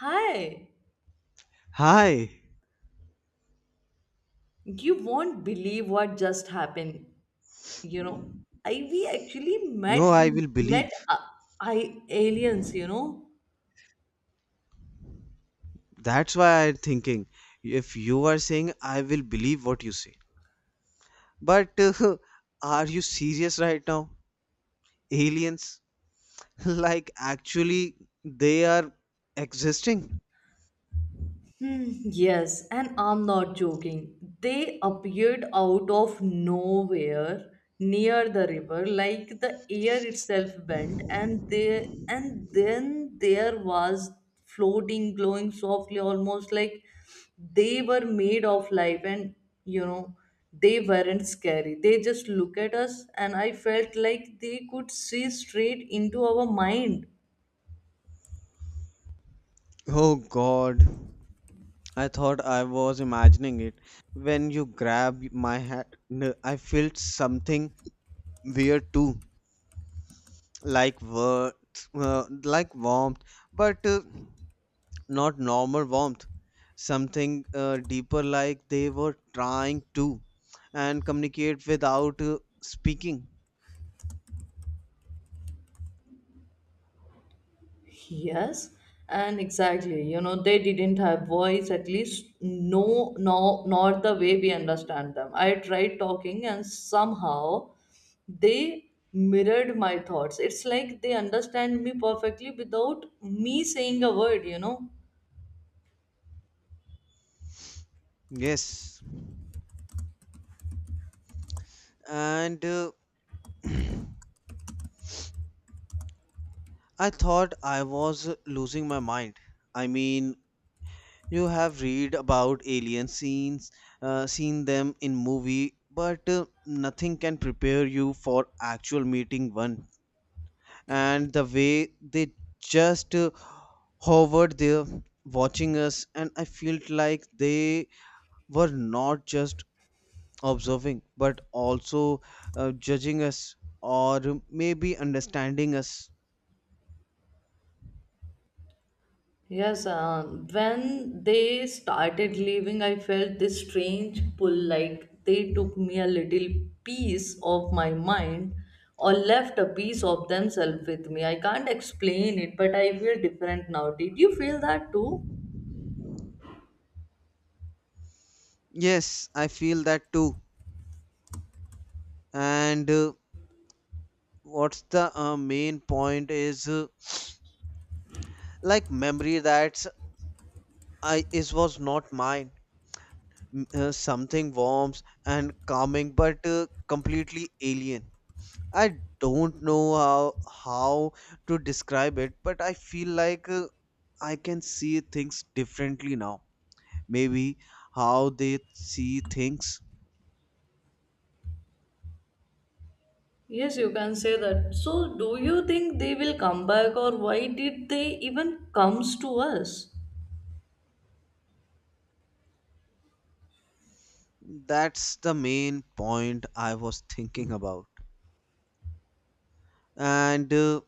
Hi, Hi. you won't believe what just happened. You know, I we actually No, met I will believe. met I aliens. That's why I'm thinking. If you are saying, I will believe what you say. But are you serious right now? Aliens? Like, actually, they are existing? Hmm, yes, and I'm not joking. They appeared out of nowhere near the river, like the air itself bent, and they and then there was floating, glowing softly, almost like they were made of life, and you know they weren't scary. They just look at us, and I felt like they could see straight into our mind. Oh God. I thought I was imagining it. When you grab my hand, I felt something weird too. Like, worth, uh, like warmth. But. Not normal warmth, something deeper, like they were trying to and communicate without speaking. Yes, and exactly. They didn't have voice, at least nor the way we understand them. I tried talking, and somehow they mirrored my thoughts. It's like they understand me perfectly without me saying a word. Yes, and I thought I was losing my mind. I mean, you have read about alien scenes, seen them in movie, but nothing can prepare you for actual meeting one. And the way they just hovered there, watching us, and I felt like they were not just observing but also judging us, or maybe understanding us. Yes, when they started leaving, I felt this strange pull like they took me a little piece of my mind or left a piece of themselves with me. I can't explain it, but I feel different now. Did you feel that too? Yes, I feel that too. And What's the main point is, like memory that's I is was not mine. Something warm and calming, but completely alien. I don't know how to describe it, but I feel like I can see things differently now. Maybe how they see things. Yes, you can say that. So, do you think they will come back, or why did they even comes to us? That's the main point I was thinking about. And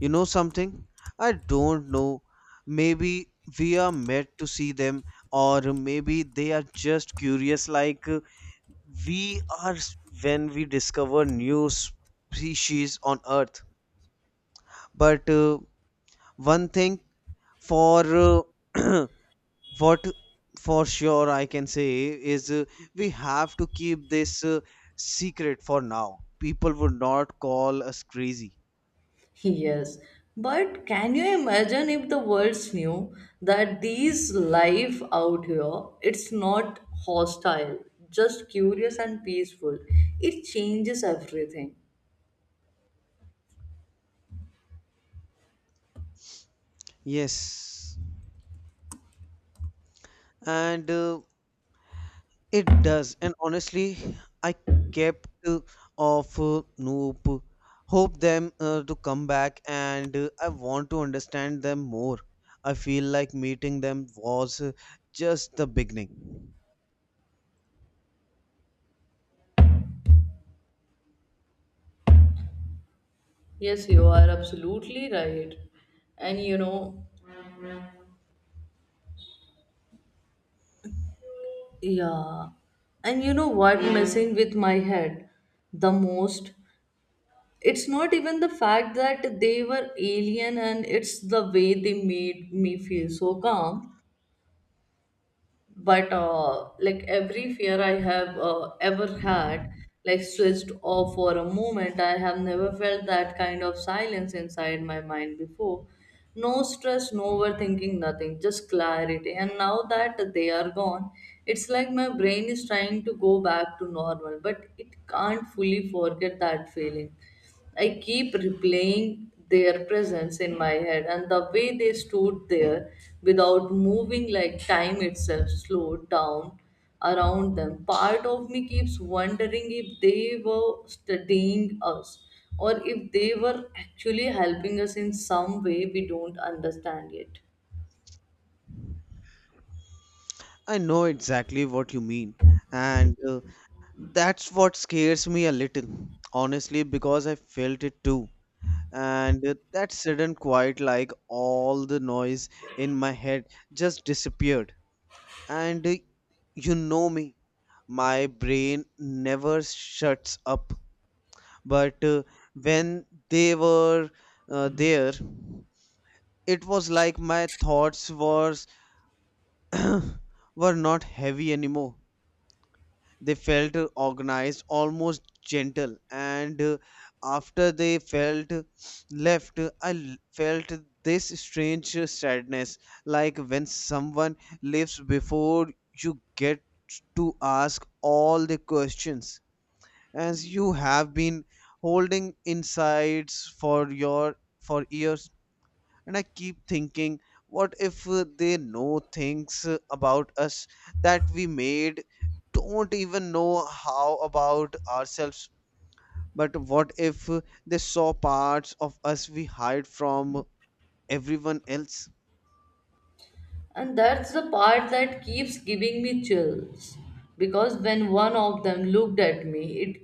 You know something? I don't know. Maybe we are meant to see them, or maybe they are just curious, like, we are s- when we discover new species on Earth. But One thing for uh, what for sure I can say is, we have to keep this secret for now, people would not call us crazy. Yes, but can you imagine if the world knew that these life out here, it's not hostile, just curious and peaceful. It changes everything. Yes, and it does, and honestly I kept off nope hope them to come back, and I want to understand them more. I feel like meeting them was, just the beginning. Yes, you are absolutely right. And yeah. And you know what messing with my head the most? It's not even the fact that they were alien, and it's the way they made me feel so calm. But like every fear I have ever had, like switched off for a moment. I have never felt that kind of silence inside my mind before. No stress, no overthinking, nothing, just clarity. And now that they are gone, it's like my brain is trying to go back to normal, but it can't fully forget that feeling. I keep replaying their presence in my head and the way they stood there without moving, like time itself slowed down around them. Part of me keeps wondering if they were studying us or if they were actually helping us in some way we don't understand yet. I know exactly what you mean, and that's what scares me a little, honestly, because I felt it too. And That sudden quiet, like all the noise in my head, just disappeared. And You know me, my brain never shuts up. But When they were there, it was like my thoughts was were not heavy anymore. They felt organized, almost gentle, and after they felt left, felt this strange sadness, like when someone leaves before you get to ask all the questions as you have been holding insides for your for years. And I keep thinking, what if they know things about us that we made don't even know how about ourselves. But what if they saw parts of us we hide from everyone else? And that's the part that keeps giving me chills. Because when one of them looked at me, it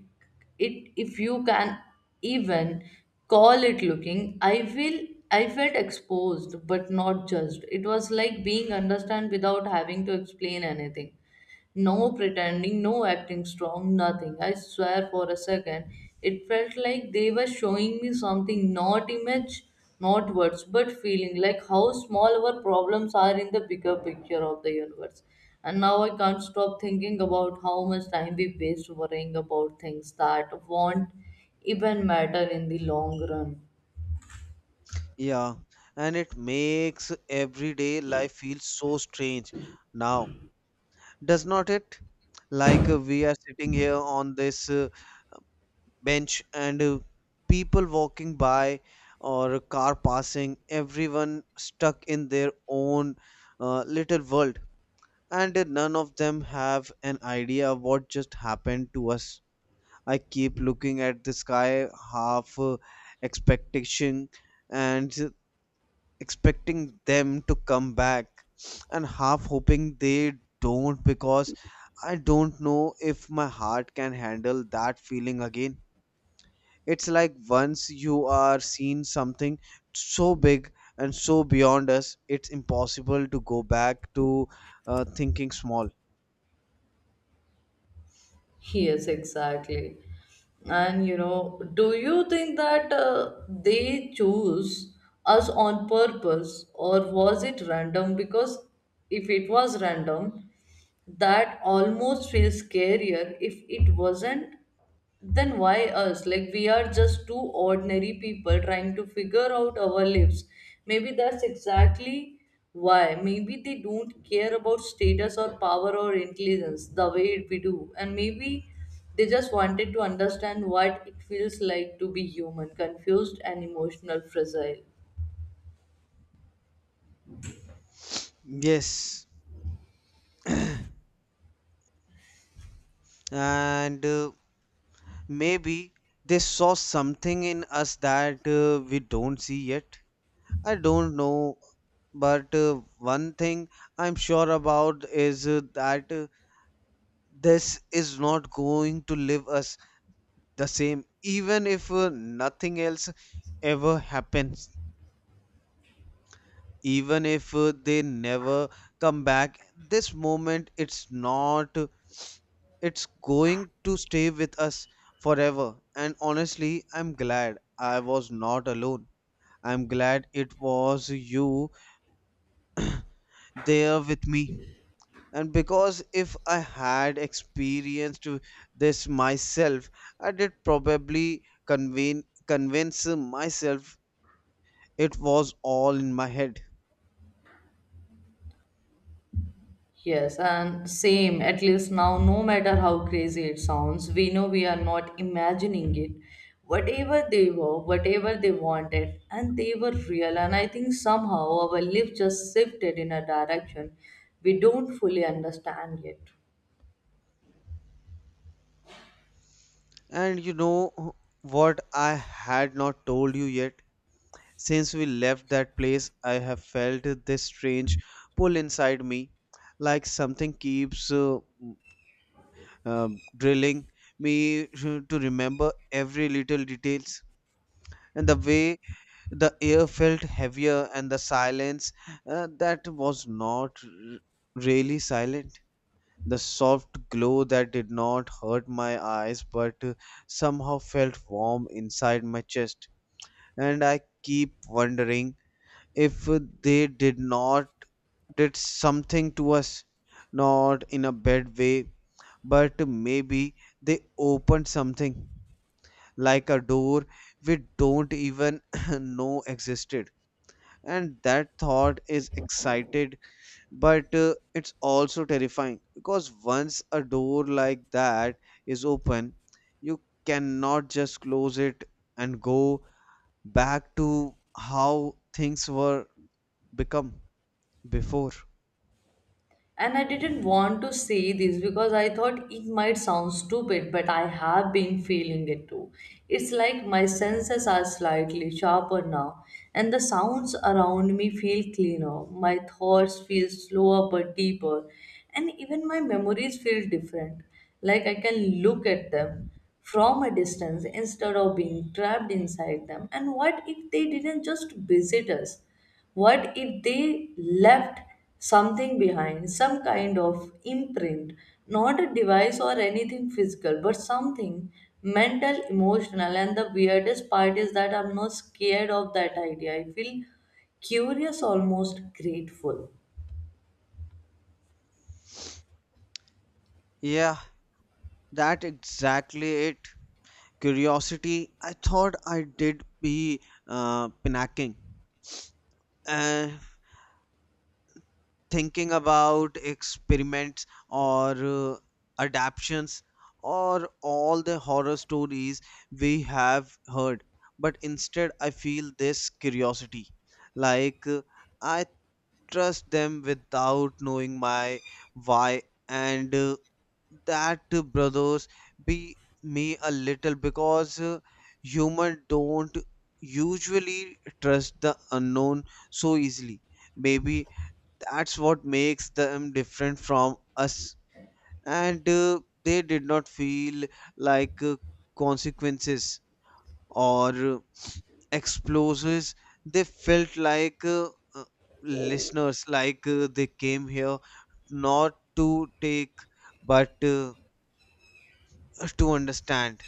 it if you can even call it looking, I felt exposed but not judged. It was like being understood without having to explain anything. No pretending, no acting strong, nothing. I swear for a second, it felt like they were showing me something, not image, not words, but feeling, like how small our problems are in the bigger picture of the universe. And now I can't stop thinking about how much time we waste worrying about things that won't even matter in the long run. Yeah, and it makes everyday life feel so strange now, does not it? Like, we are sitting here on this bench, and people walking by or a car passing, everyone stuck in their own little world, and none of them have an idea what just happened to us. I keep looking at the sky, half expectation, and expecting them to come back, and half hoping they don't, because I don't know if my heart can handle that feeling again. It's like once you are seen something so big and so beyond us, it's impossible to go back to thinking small. Yes, exactly. And do you think that they choose us on purpose, or was it random? Because if it was random, that almost feels scarier. If it wasn't, then why us? Like, we are just two ordinary people trying to figure out our lives. Maybe that's exactly why. Maybe they don't care about status or power or intelligence the way we do. And maybe they just wanted to understand what it feels like to be human, confused and emotional, fragile. Yes, and maybe they saw something in us that we don't see yet. I don't know, but one thing I'm sure about is, that this is not going to leave us the same, even if nothing else ever happens. Even if they never come back, this moment it's not it's going to stay with us forever. And honestly, I'm glad I was not alone. I'm glad it was you there with me, and because if I had experienced this myself, I did probably convene convince myself it was all in my head. Yes, and same. At least now, no matter how crazy it sounds, we know we are not imagining it. Whatever they were, whatever they wanted, and they were real. And I think somehow our life just shifted in a direction we don't fully understand yet. And you know what I had not told you yet? Since we left that place, I have felt this strange pull inside me, like something keeps uh, drilling me to remember every little details. And the way the air felt heavier, and the silence that was not r- really silent, the soft glow that did not hurt my eyes but somehow felt warm inside my chest. And I keep wondering if they did not did something to us, not in a bad way, but maybe they opened something like a door we don't even know existed. And that thought is excited, but it's also terrifying, because once a door like that is open, you cannot just close it and go back to how things were become before. And I didn't want to say this because I thought it might sound stupid, but I have been feeling it too. It's like my senses are slightly sharper now, and the sounds around me feel cleaner. My thoughts feel slower but deeper, and even my memories feel different. Like I can look at them from a distance instead of being trapped inside them. And what if they didn't just visit us? What if they left something behind, some kind of imprint, not a device or anything physical, but something mental, emotional? And the weirdest part is that I'm not scared of that idea. I feel curious, almost grateful. Yeah, that exactly it, curiosity. I thought I did be Panicking, Uh, thinking about experiments or adaptions, or all the horror stories we have heard, but instead I feel this curiosity, like, I trust them without knowing my why. And That brothers be me a little, because human don't usually trust the unknown so easily. Maybe that's what makes them different from us. And They did not feel like consequences or explosives, they felt like uh, listeners, like they came here not to take, but to understand.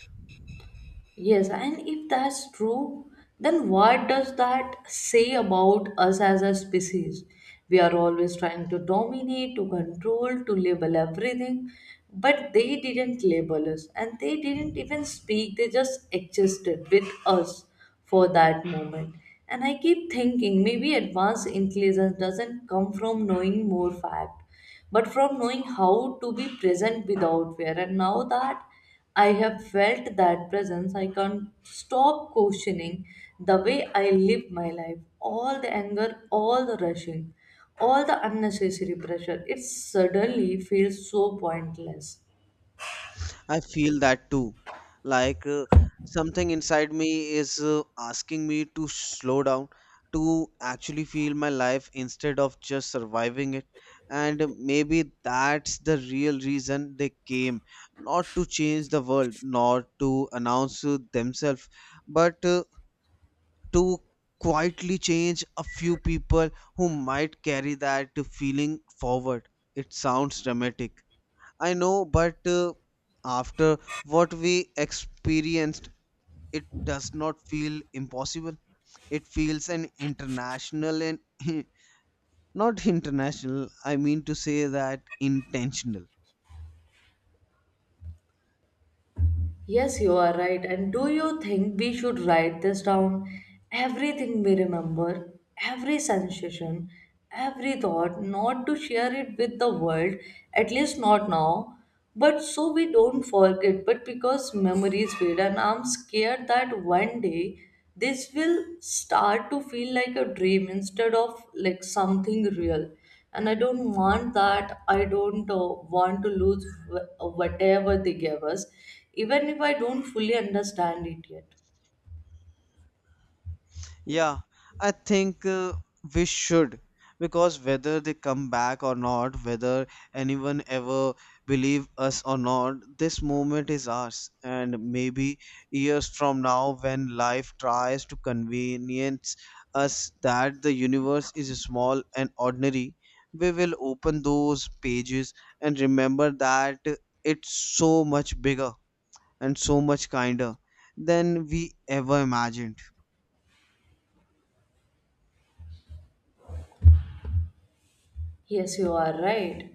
Yes, and if that's true, then what does that say about us as a species? We are always trying to dominate, to control, to label everything, but they didn't label us, and they didn't even speak. They just existed with us for that moment. And I keep thinking maybe advanced intelligence doesn't come from knowing more fact, but from knowing how to be present without fear. And now that I have felt that presence, I can't stop questioning the way I live my life. All the anger, all the rushing, all the unnecessary pressure. It suddenly feels so pointless. I feel that too. Like, something inside me is asking me to slow down, to actually feel my life instead of just surviving it. And maybe that's the real reason they came, not to change the world, not to announce themselves, but to quietly change a few people who might carry that feeling forward. It sounds dramatic, I know, but after what we experienced, it does not feel impossible. It feels an international, and not international, I mean to say that intentional. Yes, you are right. And do you think we should write this down? Everything we remember, every sensation, every thought, not to share it with the world, at least not now, but so we don't forget. But because memories fade, and I'm scared that one day this will start to feel like a dream instead of like something real, and I don't want that. I don't want to lose whatever they gave us, even if I don't fully understand it yet. Yeah, I think we should, because whether they come back or not, whether anyone ever believe us or not, this moment is ours. And maybe years from now, when life tries to convenience us that the universe is small and ordinary, we will open those pages and remember that it's so much bigger and so much kinder than we ever imagined. Yes, you are right.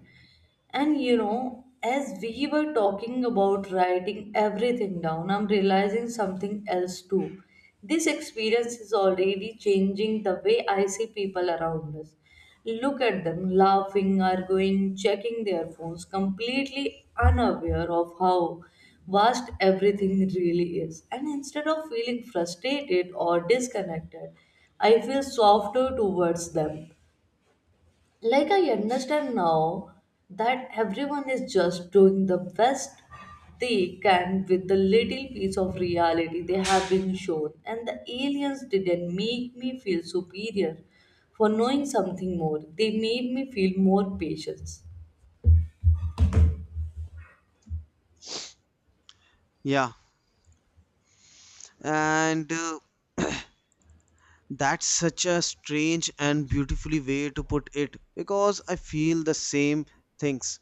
And as we were talking about writing everything down, I'm realizing something else too. This experience is already changing the way I see people around us. Look at them laughing, arguing, checking their phones, completely unaware of how vast everything really is. And instead of feeling frustrated or disconnected, I feel softer towards them. Like, I understand now that everyone is just doing the best they can with the little piece of reality they have been shown. And the aliens didn't make me feel superior for knowing something more; they made me feel more patient. Yeah, and that's such a strange and beautifully way to put it, because I feel the same things.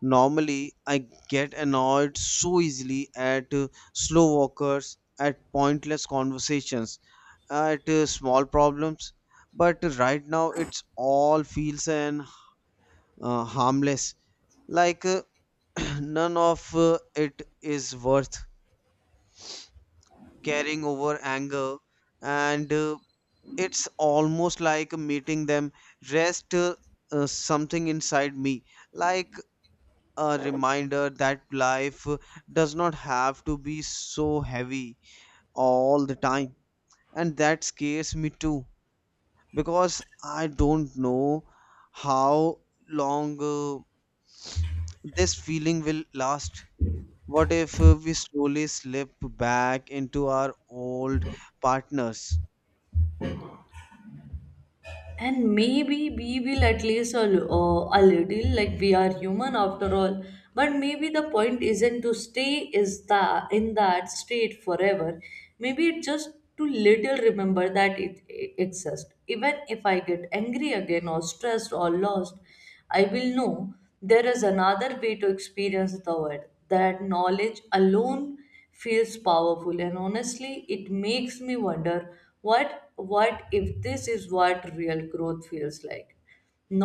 Normally I get annoyed so easily at slow walkers, at pointless conversations, at small problems, but right now it's all feels and harmless. Like, none of it is worth carrying over anger. And It's almost like meeting them rest something inside me, like a reminder that life does not have to be so heavy all the time. And that scares me too, because I don't know how long this feeling will last. What if we slowly slip back into our old partners? And maybe we will, at least a little, like we are human after all. But maybe the point isn't to stay is the in that state forever. Maybe it's just to little remember that it exists. Even if I get angry again or stressed or lost, I will know there is another way to experience the world. That knowledge alone feels powerful, and honestly, it makes me wonder, what if this is what real growth feels like.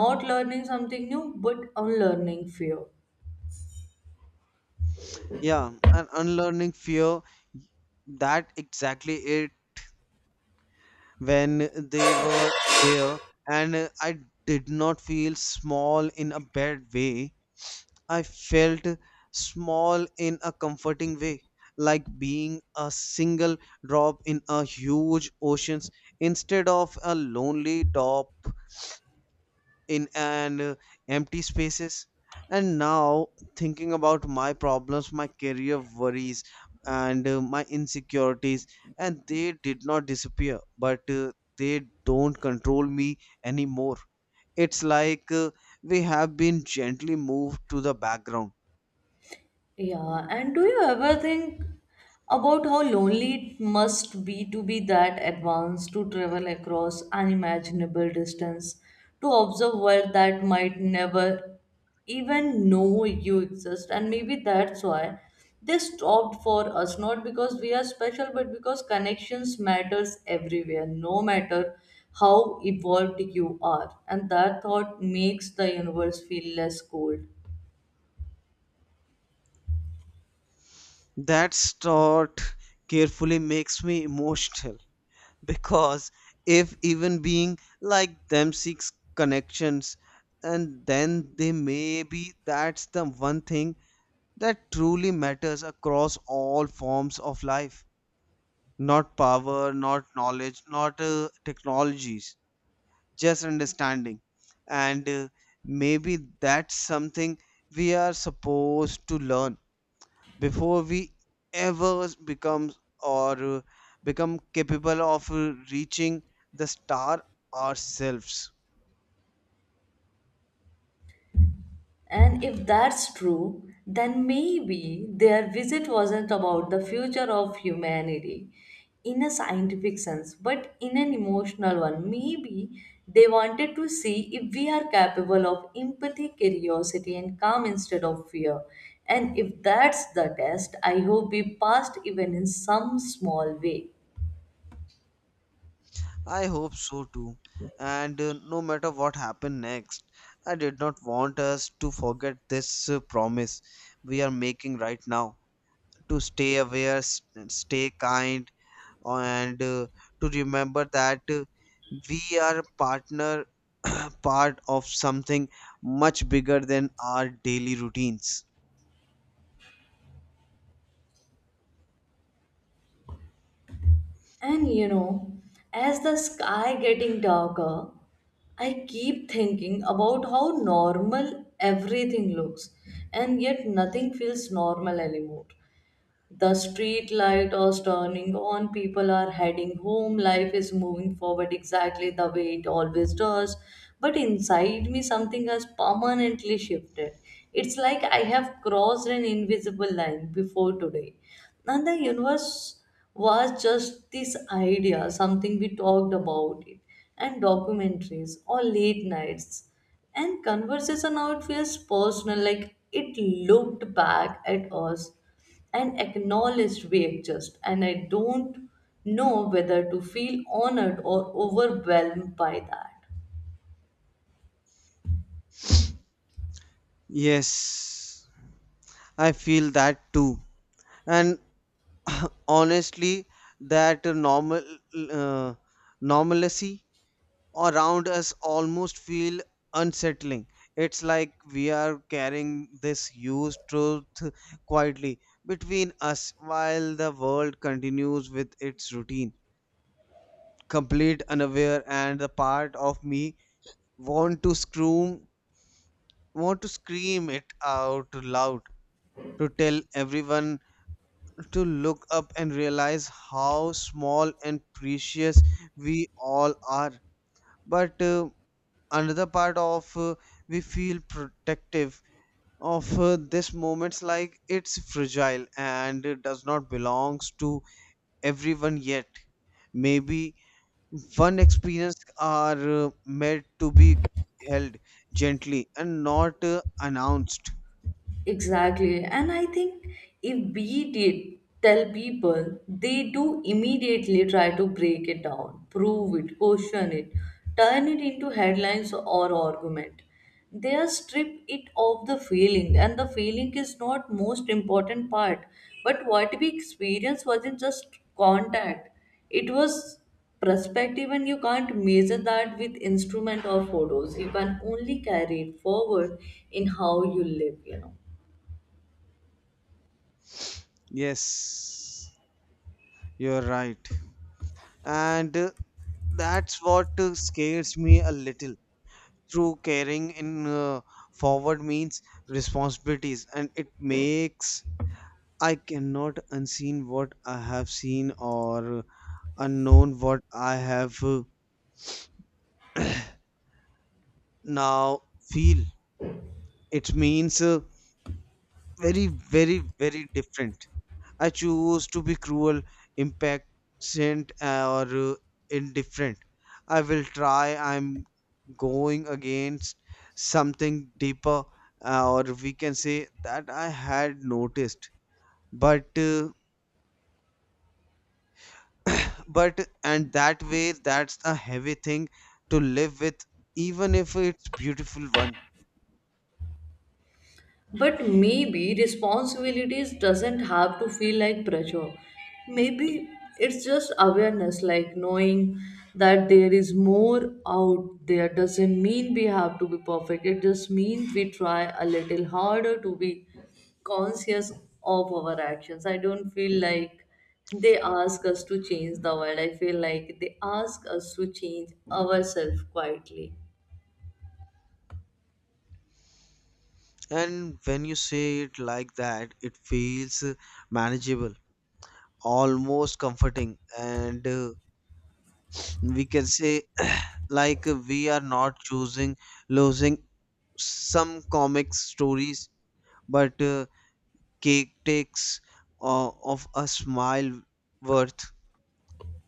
Not learning something new, but unlearning fear. Yeah, and unlearning fear, that exactly it. When they were there, and I did not feel small in a bad way. I felt small in a comforting way, like being a single drop in a huge ocean instead of a lonely drop in an empty spaces. And now thinking about my problems, my career worries, and my insecurities, and they did not disappear, but they don't control me anymore. It's like, we have been gently moved to the background. Yeah, and do you ever think about how lonely it must be to be that advanced, to travel across unimaginable distance, to observe world that might never even know you exist? And maybe that's why they stopped for us, not because we are special, but because connections matters everywhere, no matter how evolved you are. And that thought makes the universe feel less cold. That thought carefully makes me emotional, because if even being like them seeks connections, and then they may be that's the one thing that truly matters across all forms of life. Not power, not knowledge, not technologies, just understanding. And Maybe that's something we are supposed to learn before we ever becomes or become capable of reaching the star ourselves. And if that's true, then maybe their visit wasn't about the future of humanity in a scientific sense, but in an emotional one. Maybe they wanted to see if we are capable of empathy, curiosity, and calm instead of fear. And if that's the test, I hope we passed even in some small way. I hope so too, and no matter what happened next, I did not want us to forget this promise we are making right now: to stay aware, stay kind, and to remember that we are partner part of something much bigger than our daily routines. And as the sky getting darker, I keep thinking about how normal everything looks, and yet nothing feels normal anymore. The street light is turning on, people are heading home, life is moving forward exactly the way it always does. But inside me, something has permanently shifted. It's like I have crossed an invisible line before today. And the universe was just this idea, something we talked about it, and documentaries or late nights and conversation. Now it feels personal, like it looked back at us and acknowledged we exist. And I don't know whether to feel honored or overwhelmed by that. Yes, I feel that too. And honestly, that normal uh, normalcy around us almost feel unsettling. It's like we are carrying this huge truth quietly between us while the world continues with its routine, complete unaware. And the part of me want to scream want to scream it out loud, to tell everyone to look up and realize how small and precious we all are. But Another part of we feel protective of this moments, like it's fragile and it does not belongs to everyone yet. Maybe one experience are meant to be held gently and not announced. Exactly. And I think if we did tell people, they do immediately try to break it down, prove it, question it, turn it into headlines or argument. They are strip it of the feeling, and the feeling is not most important part. But what we experienced wasn't just contact; it was perspective, and you can't measure that with instrument or photos. You can only carry it forward in how you live. Yes, you're right. And That's what scares me a little. Through caring in forward means responsibilities, and it makes I cannot unseen what I have seen, or unknown what I have now feel. It means very, very, very different. I choose to be cruel, impatient, or indifferent. I will try. I'm going against something deeper, or we can say that I had noticed. But, uh, and that way, that's a heavy thing to live with, even if it's beautiful one. But maybe responsibilities doesn't have to feel like pressure. Maybe it's just awareness, like knowing that there is more out there doesn't mean we have to be perfect. It just means we try a little harder to be conscious of our actions. I don't feel like they ask us to change the world. I feel like they ask us to change ourselves quietly. And when you say it like that, it feels manageable, almost comforting, and we can say like we are not choosing losing some comic stories but cake takes of a smile worth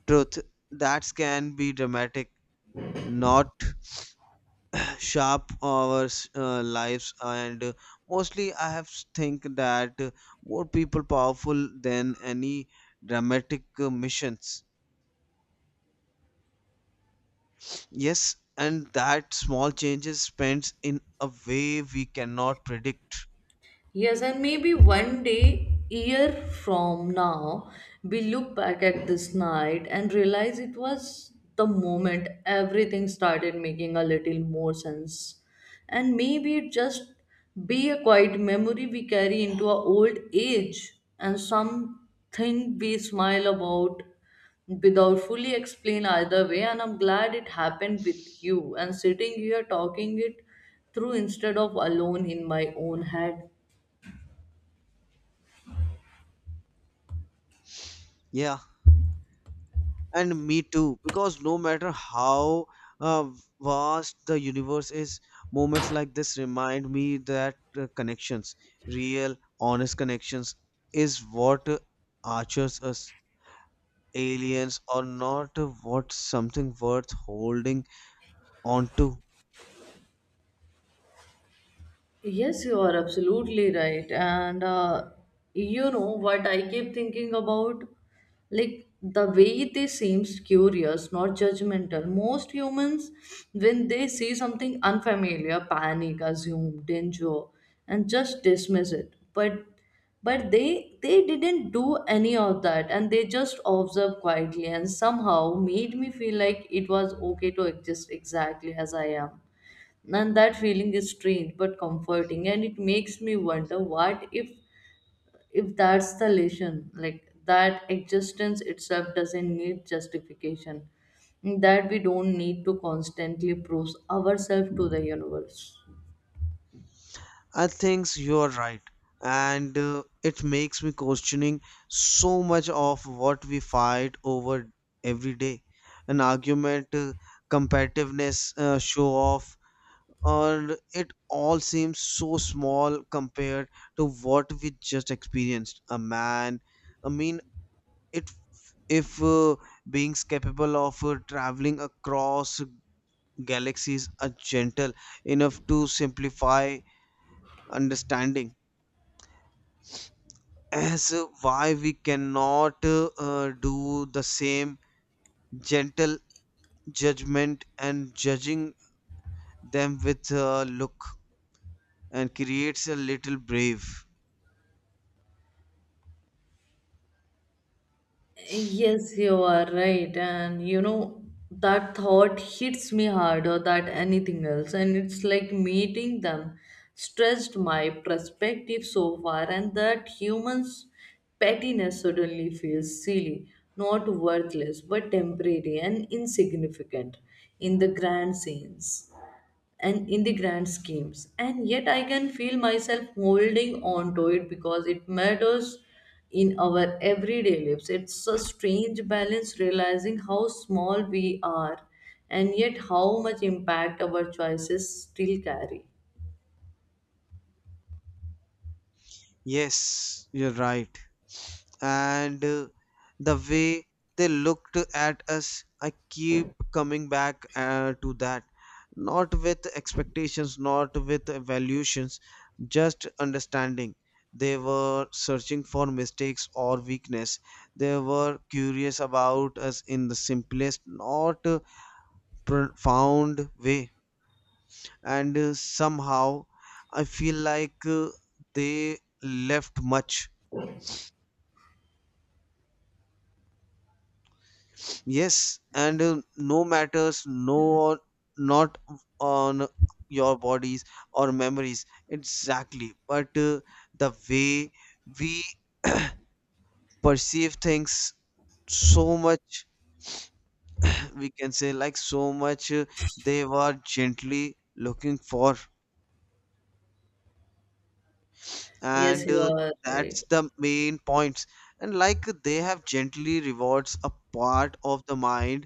truth that can be dramatic not sharp our lives and mostly I think that more people powerful than any dramatic missions. Yes, and that small changes spends in a way we cannot predict. Yes, and maybe one day, year from now, we look back at this night and realize it was the moment everything started making a little more sense. And maybe it just be a quiet memory we carry into our old age, and something we smile about without fully explain either way. And I'm glad it happened with you, and sitting here talking it through instead of alone in my own head. Yeah, and me too, because no matter how uh, vast the universe is, moments like this remind me that connections, real, honest connections, is what archers us. Aliens or not, what something worth holding on to. Yes, you are absolutely right. And you know what I keep thinking about? Like the way they seems curious, not judgmental. Most humans, when they see something unfamiliar, panic, assume danger, and just dismiss it. But they didn't do any of that, and they just observed quietly, and somehow made me feel like it was okay to exist exactly as I am. And that feeling is strange but comforting, and it makes me wonder, what if that's the lesson, like that existence itself doesn't need justification, that we don't need to constantly prove ourselves to the universe. I think you're right, and it makes me questioning so much of what we fight over every day. An argument, competitiveness, show off, or it all seems so small compared to what we just experienced. A man, I mean, it if being capable of traveling across galaxies are gentle enough to simplify understanding as why we cannot do the same gentle judgment and judging them with a look and creates a little brave. Yes, you are right. And that thought hits me harder than anything else. And it's like meeting them stressed my perspective so far, and that human's pettiness suddenly feels silly, not worthless, but temporary and insignificant in the grand scenes and in the grand schemes. And yet I can feel myself holding on to it because it matters in our everyday lives. It's a strange balance, realizing how small we are, and yet how much impact our choices still carry. Yes, you're right, and the way they looked at us, I keep coming back to that, not with expectations, not with evaluations, just understanding. They were searching for mistakes or weakness. They were curious about us in the simplest, not profound way. And somehow I feel like they left much. Yes, and no matters, no, or not on your bodies or memories, exactly. But the way we perceive things, so much, we can say, like so much they were gently looking for, Yes, and you uh, are right. that's the main points. And like they have gently rewards a part of the mind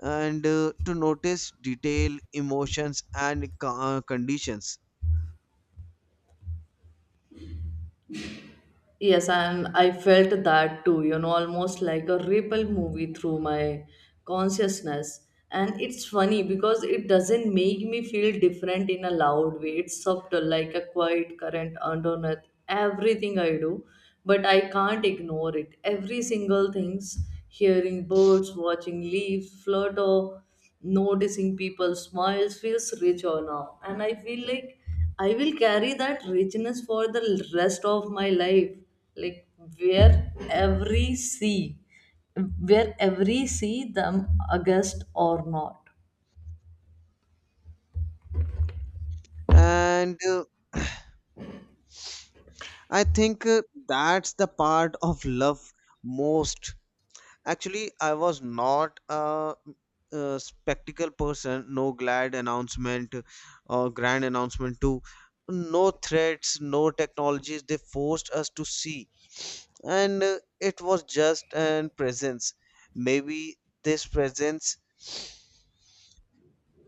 and to notice detail, emotions, and conditions. Yes, and I felt that too, almost like a ripple movie through my consciousness. And it's funny because it doesn't make me feel different in a loud way. It's subtle, like a quiet current underneath everything I do, but I can't ignore it. Every single things, hearing birds, watching leaves flutter, noticing people's smiles feels richer now. And I feel like I will carry that richness for the rest of my life. Like where every sea, where every sea them August or not. And I think that's the part of love most. Actually, I was not a, a spectacle person, no glad announcement or grand announcement, too. No threats, no technologies, they forced us to see. And it was just an presence. Maybe this presence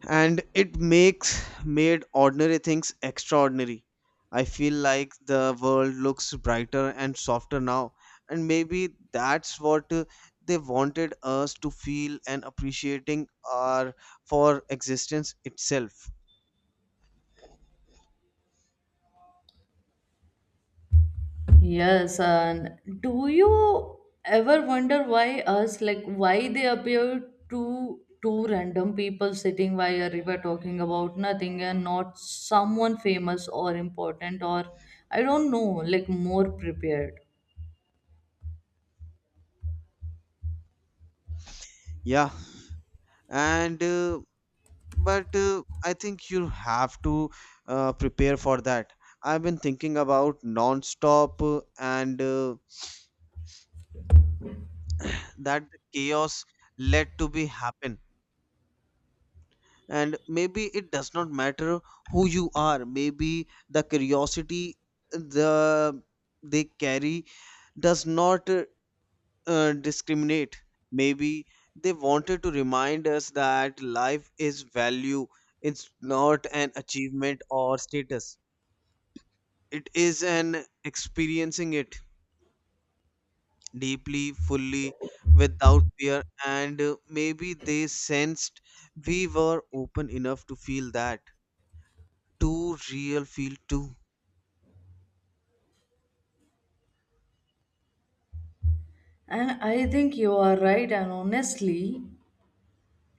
and it makes made ordinary things extraordinary. I feel like the world looks brighter and softer now, and maybe that's what they wanted us to feel and appreciating our for existence itself. Yes, and do you ever wonder why us, like why they appear to two random people sitting by a river talking about nothing and not someone famous or important, or I don't know, like more prepared. Yeah, and but I think you have to prepare for that. I've been thinking about non-stop and that the chaos led to be happen, and maybe it does not matter who you are. Maybe the curiosity the they carry does not discriminate. Maybe they wanted to remind us that life is value. It's not an achievement or status, it is an experiencing it deeply, fully, without fear, and maybe they sensed we were open enough to feel that too real feel too. And I think you are right, and honestly,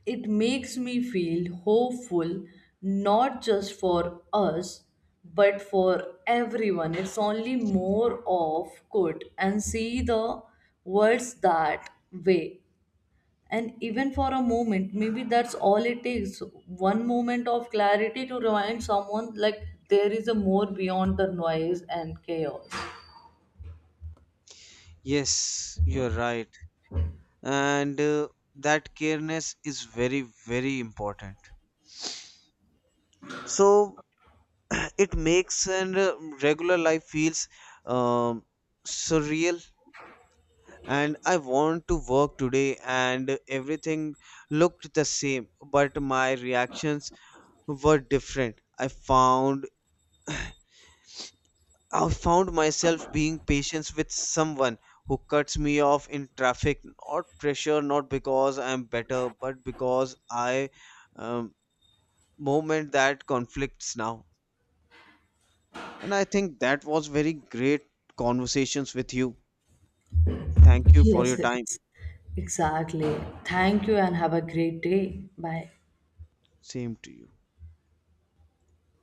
it makes me feel hopeful, not just for us, but for everyone. It's only more of good and see the words that way. And even for a moment, maybe that's all it takes. One moment of clarity to remind someone like there is a more beyond the noise and chaos. Yes, you're right. And that careness is very, very important. So it makes and regular life feels um, surreal. And I want to work today, and everything looked the same, but my reactions were different. I've found myself being patient with someone who cuts me off in traffic, not pressure, not because I'm better, but because I um, moment that conflicts now. And I think that was very great conversations with you. Thank you for Yes, your time. it's exactly. Thank you, and have a great day. Bye. Same to you.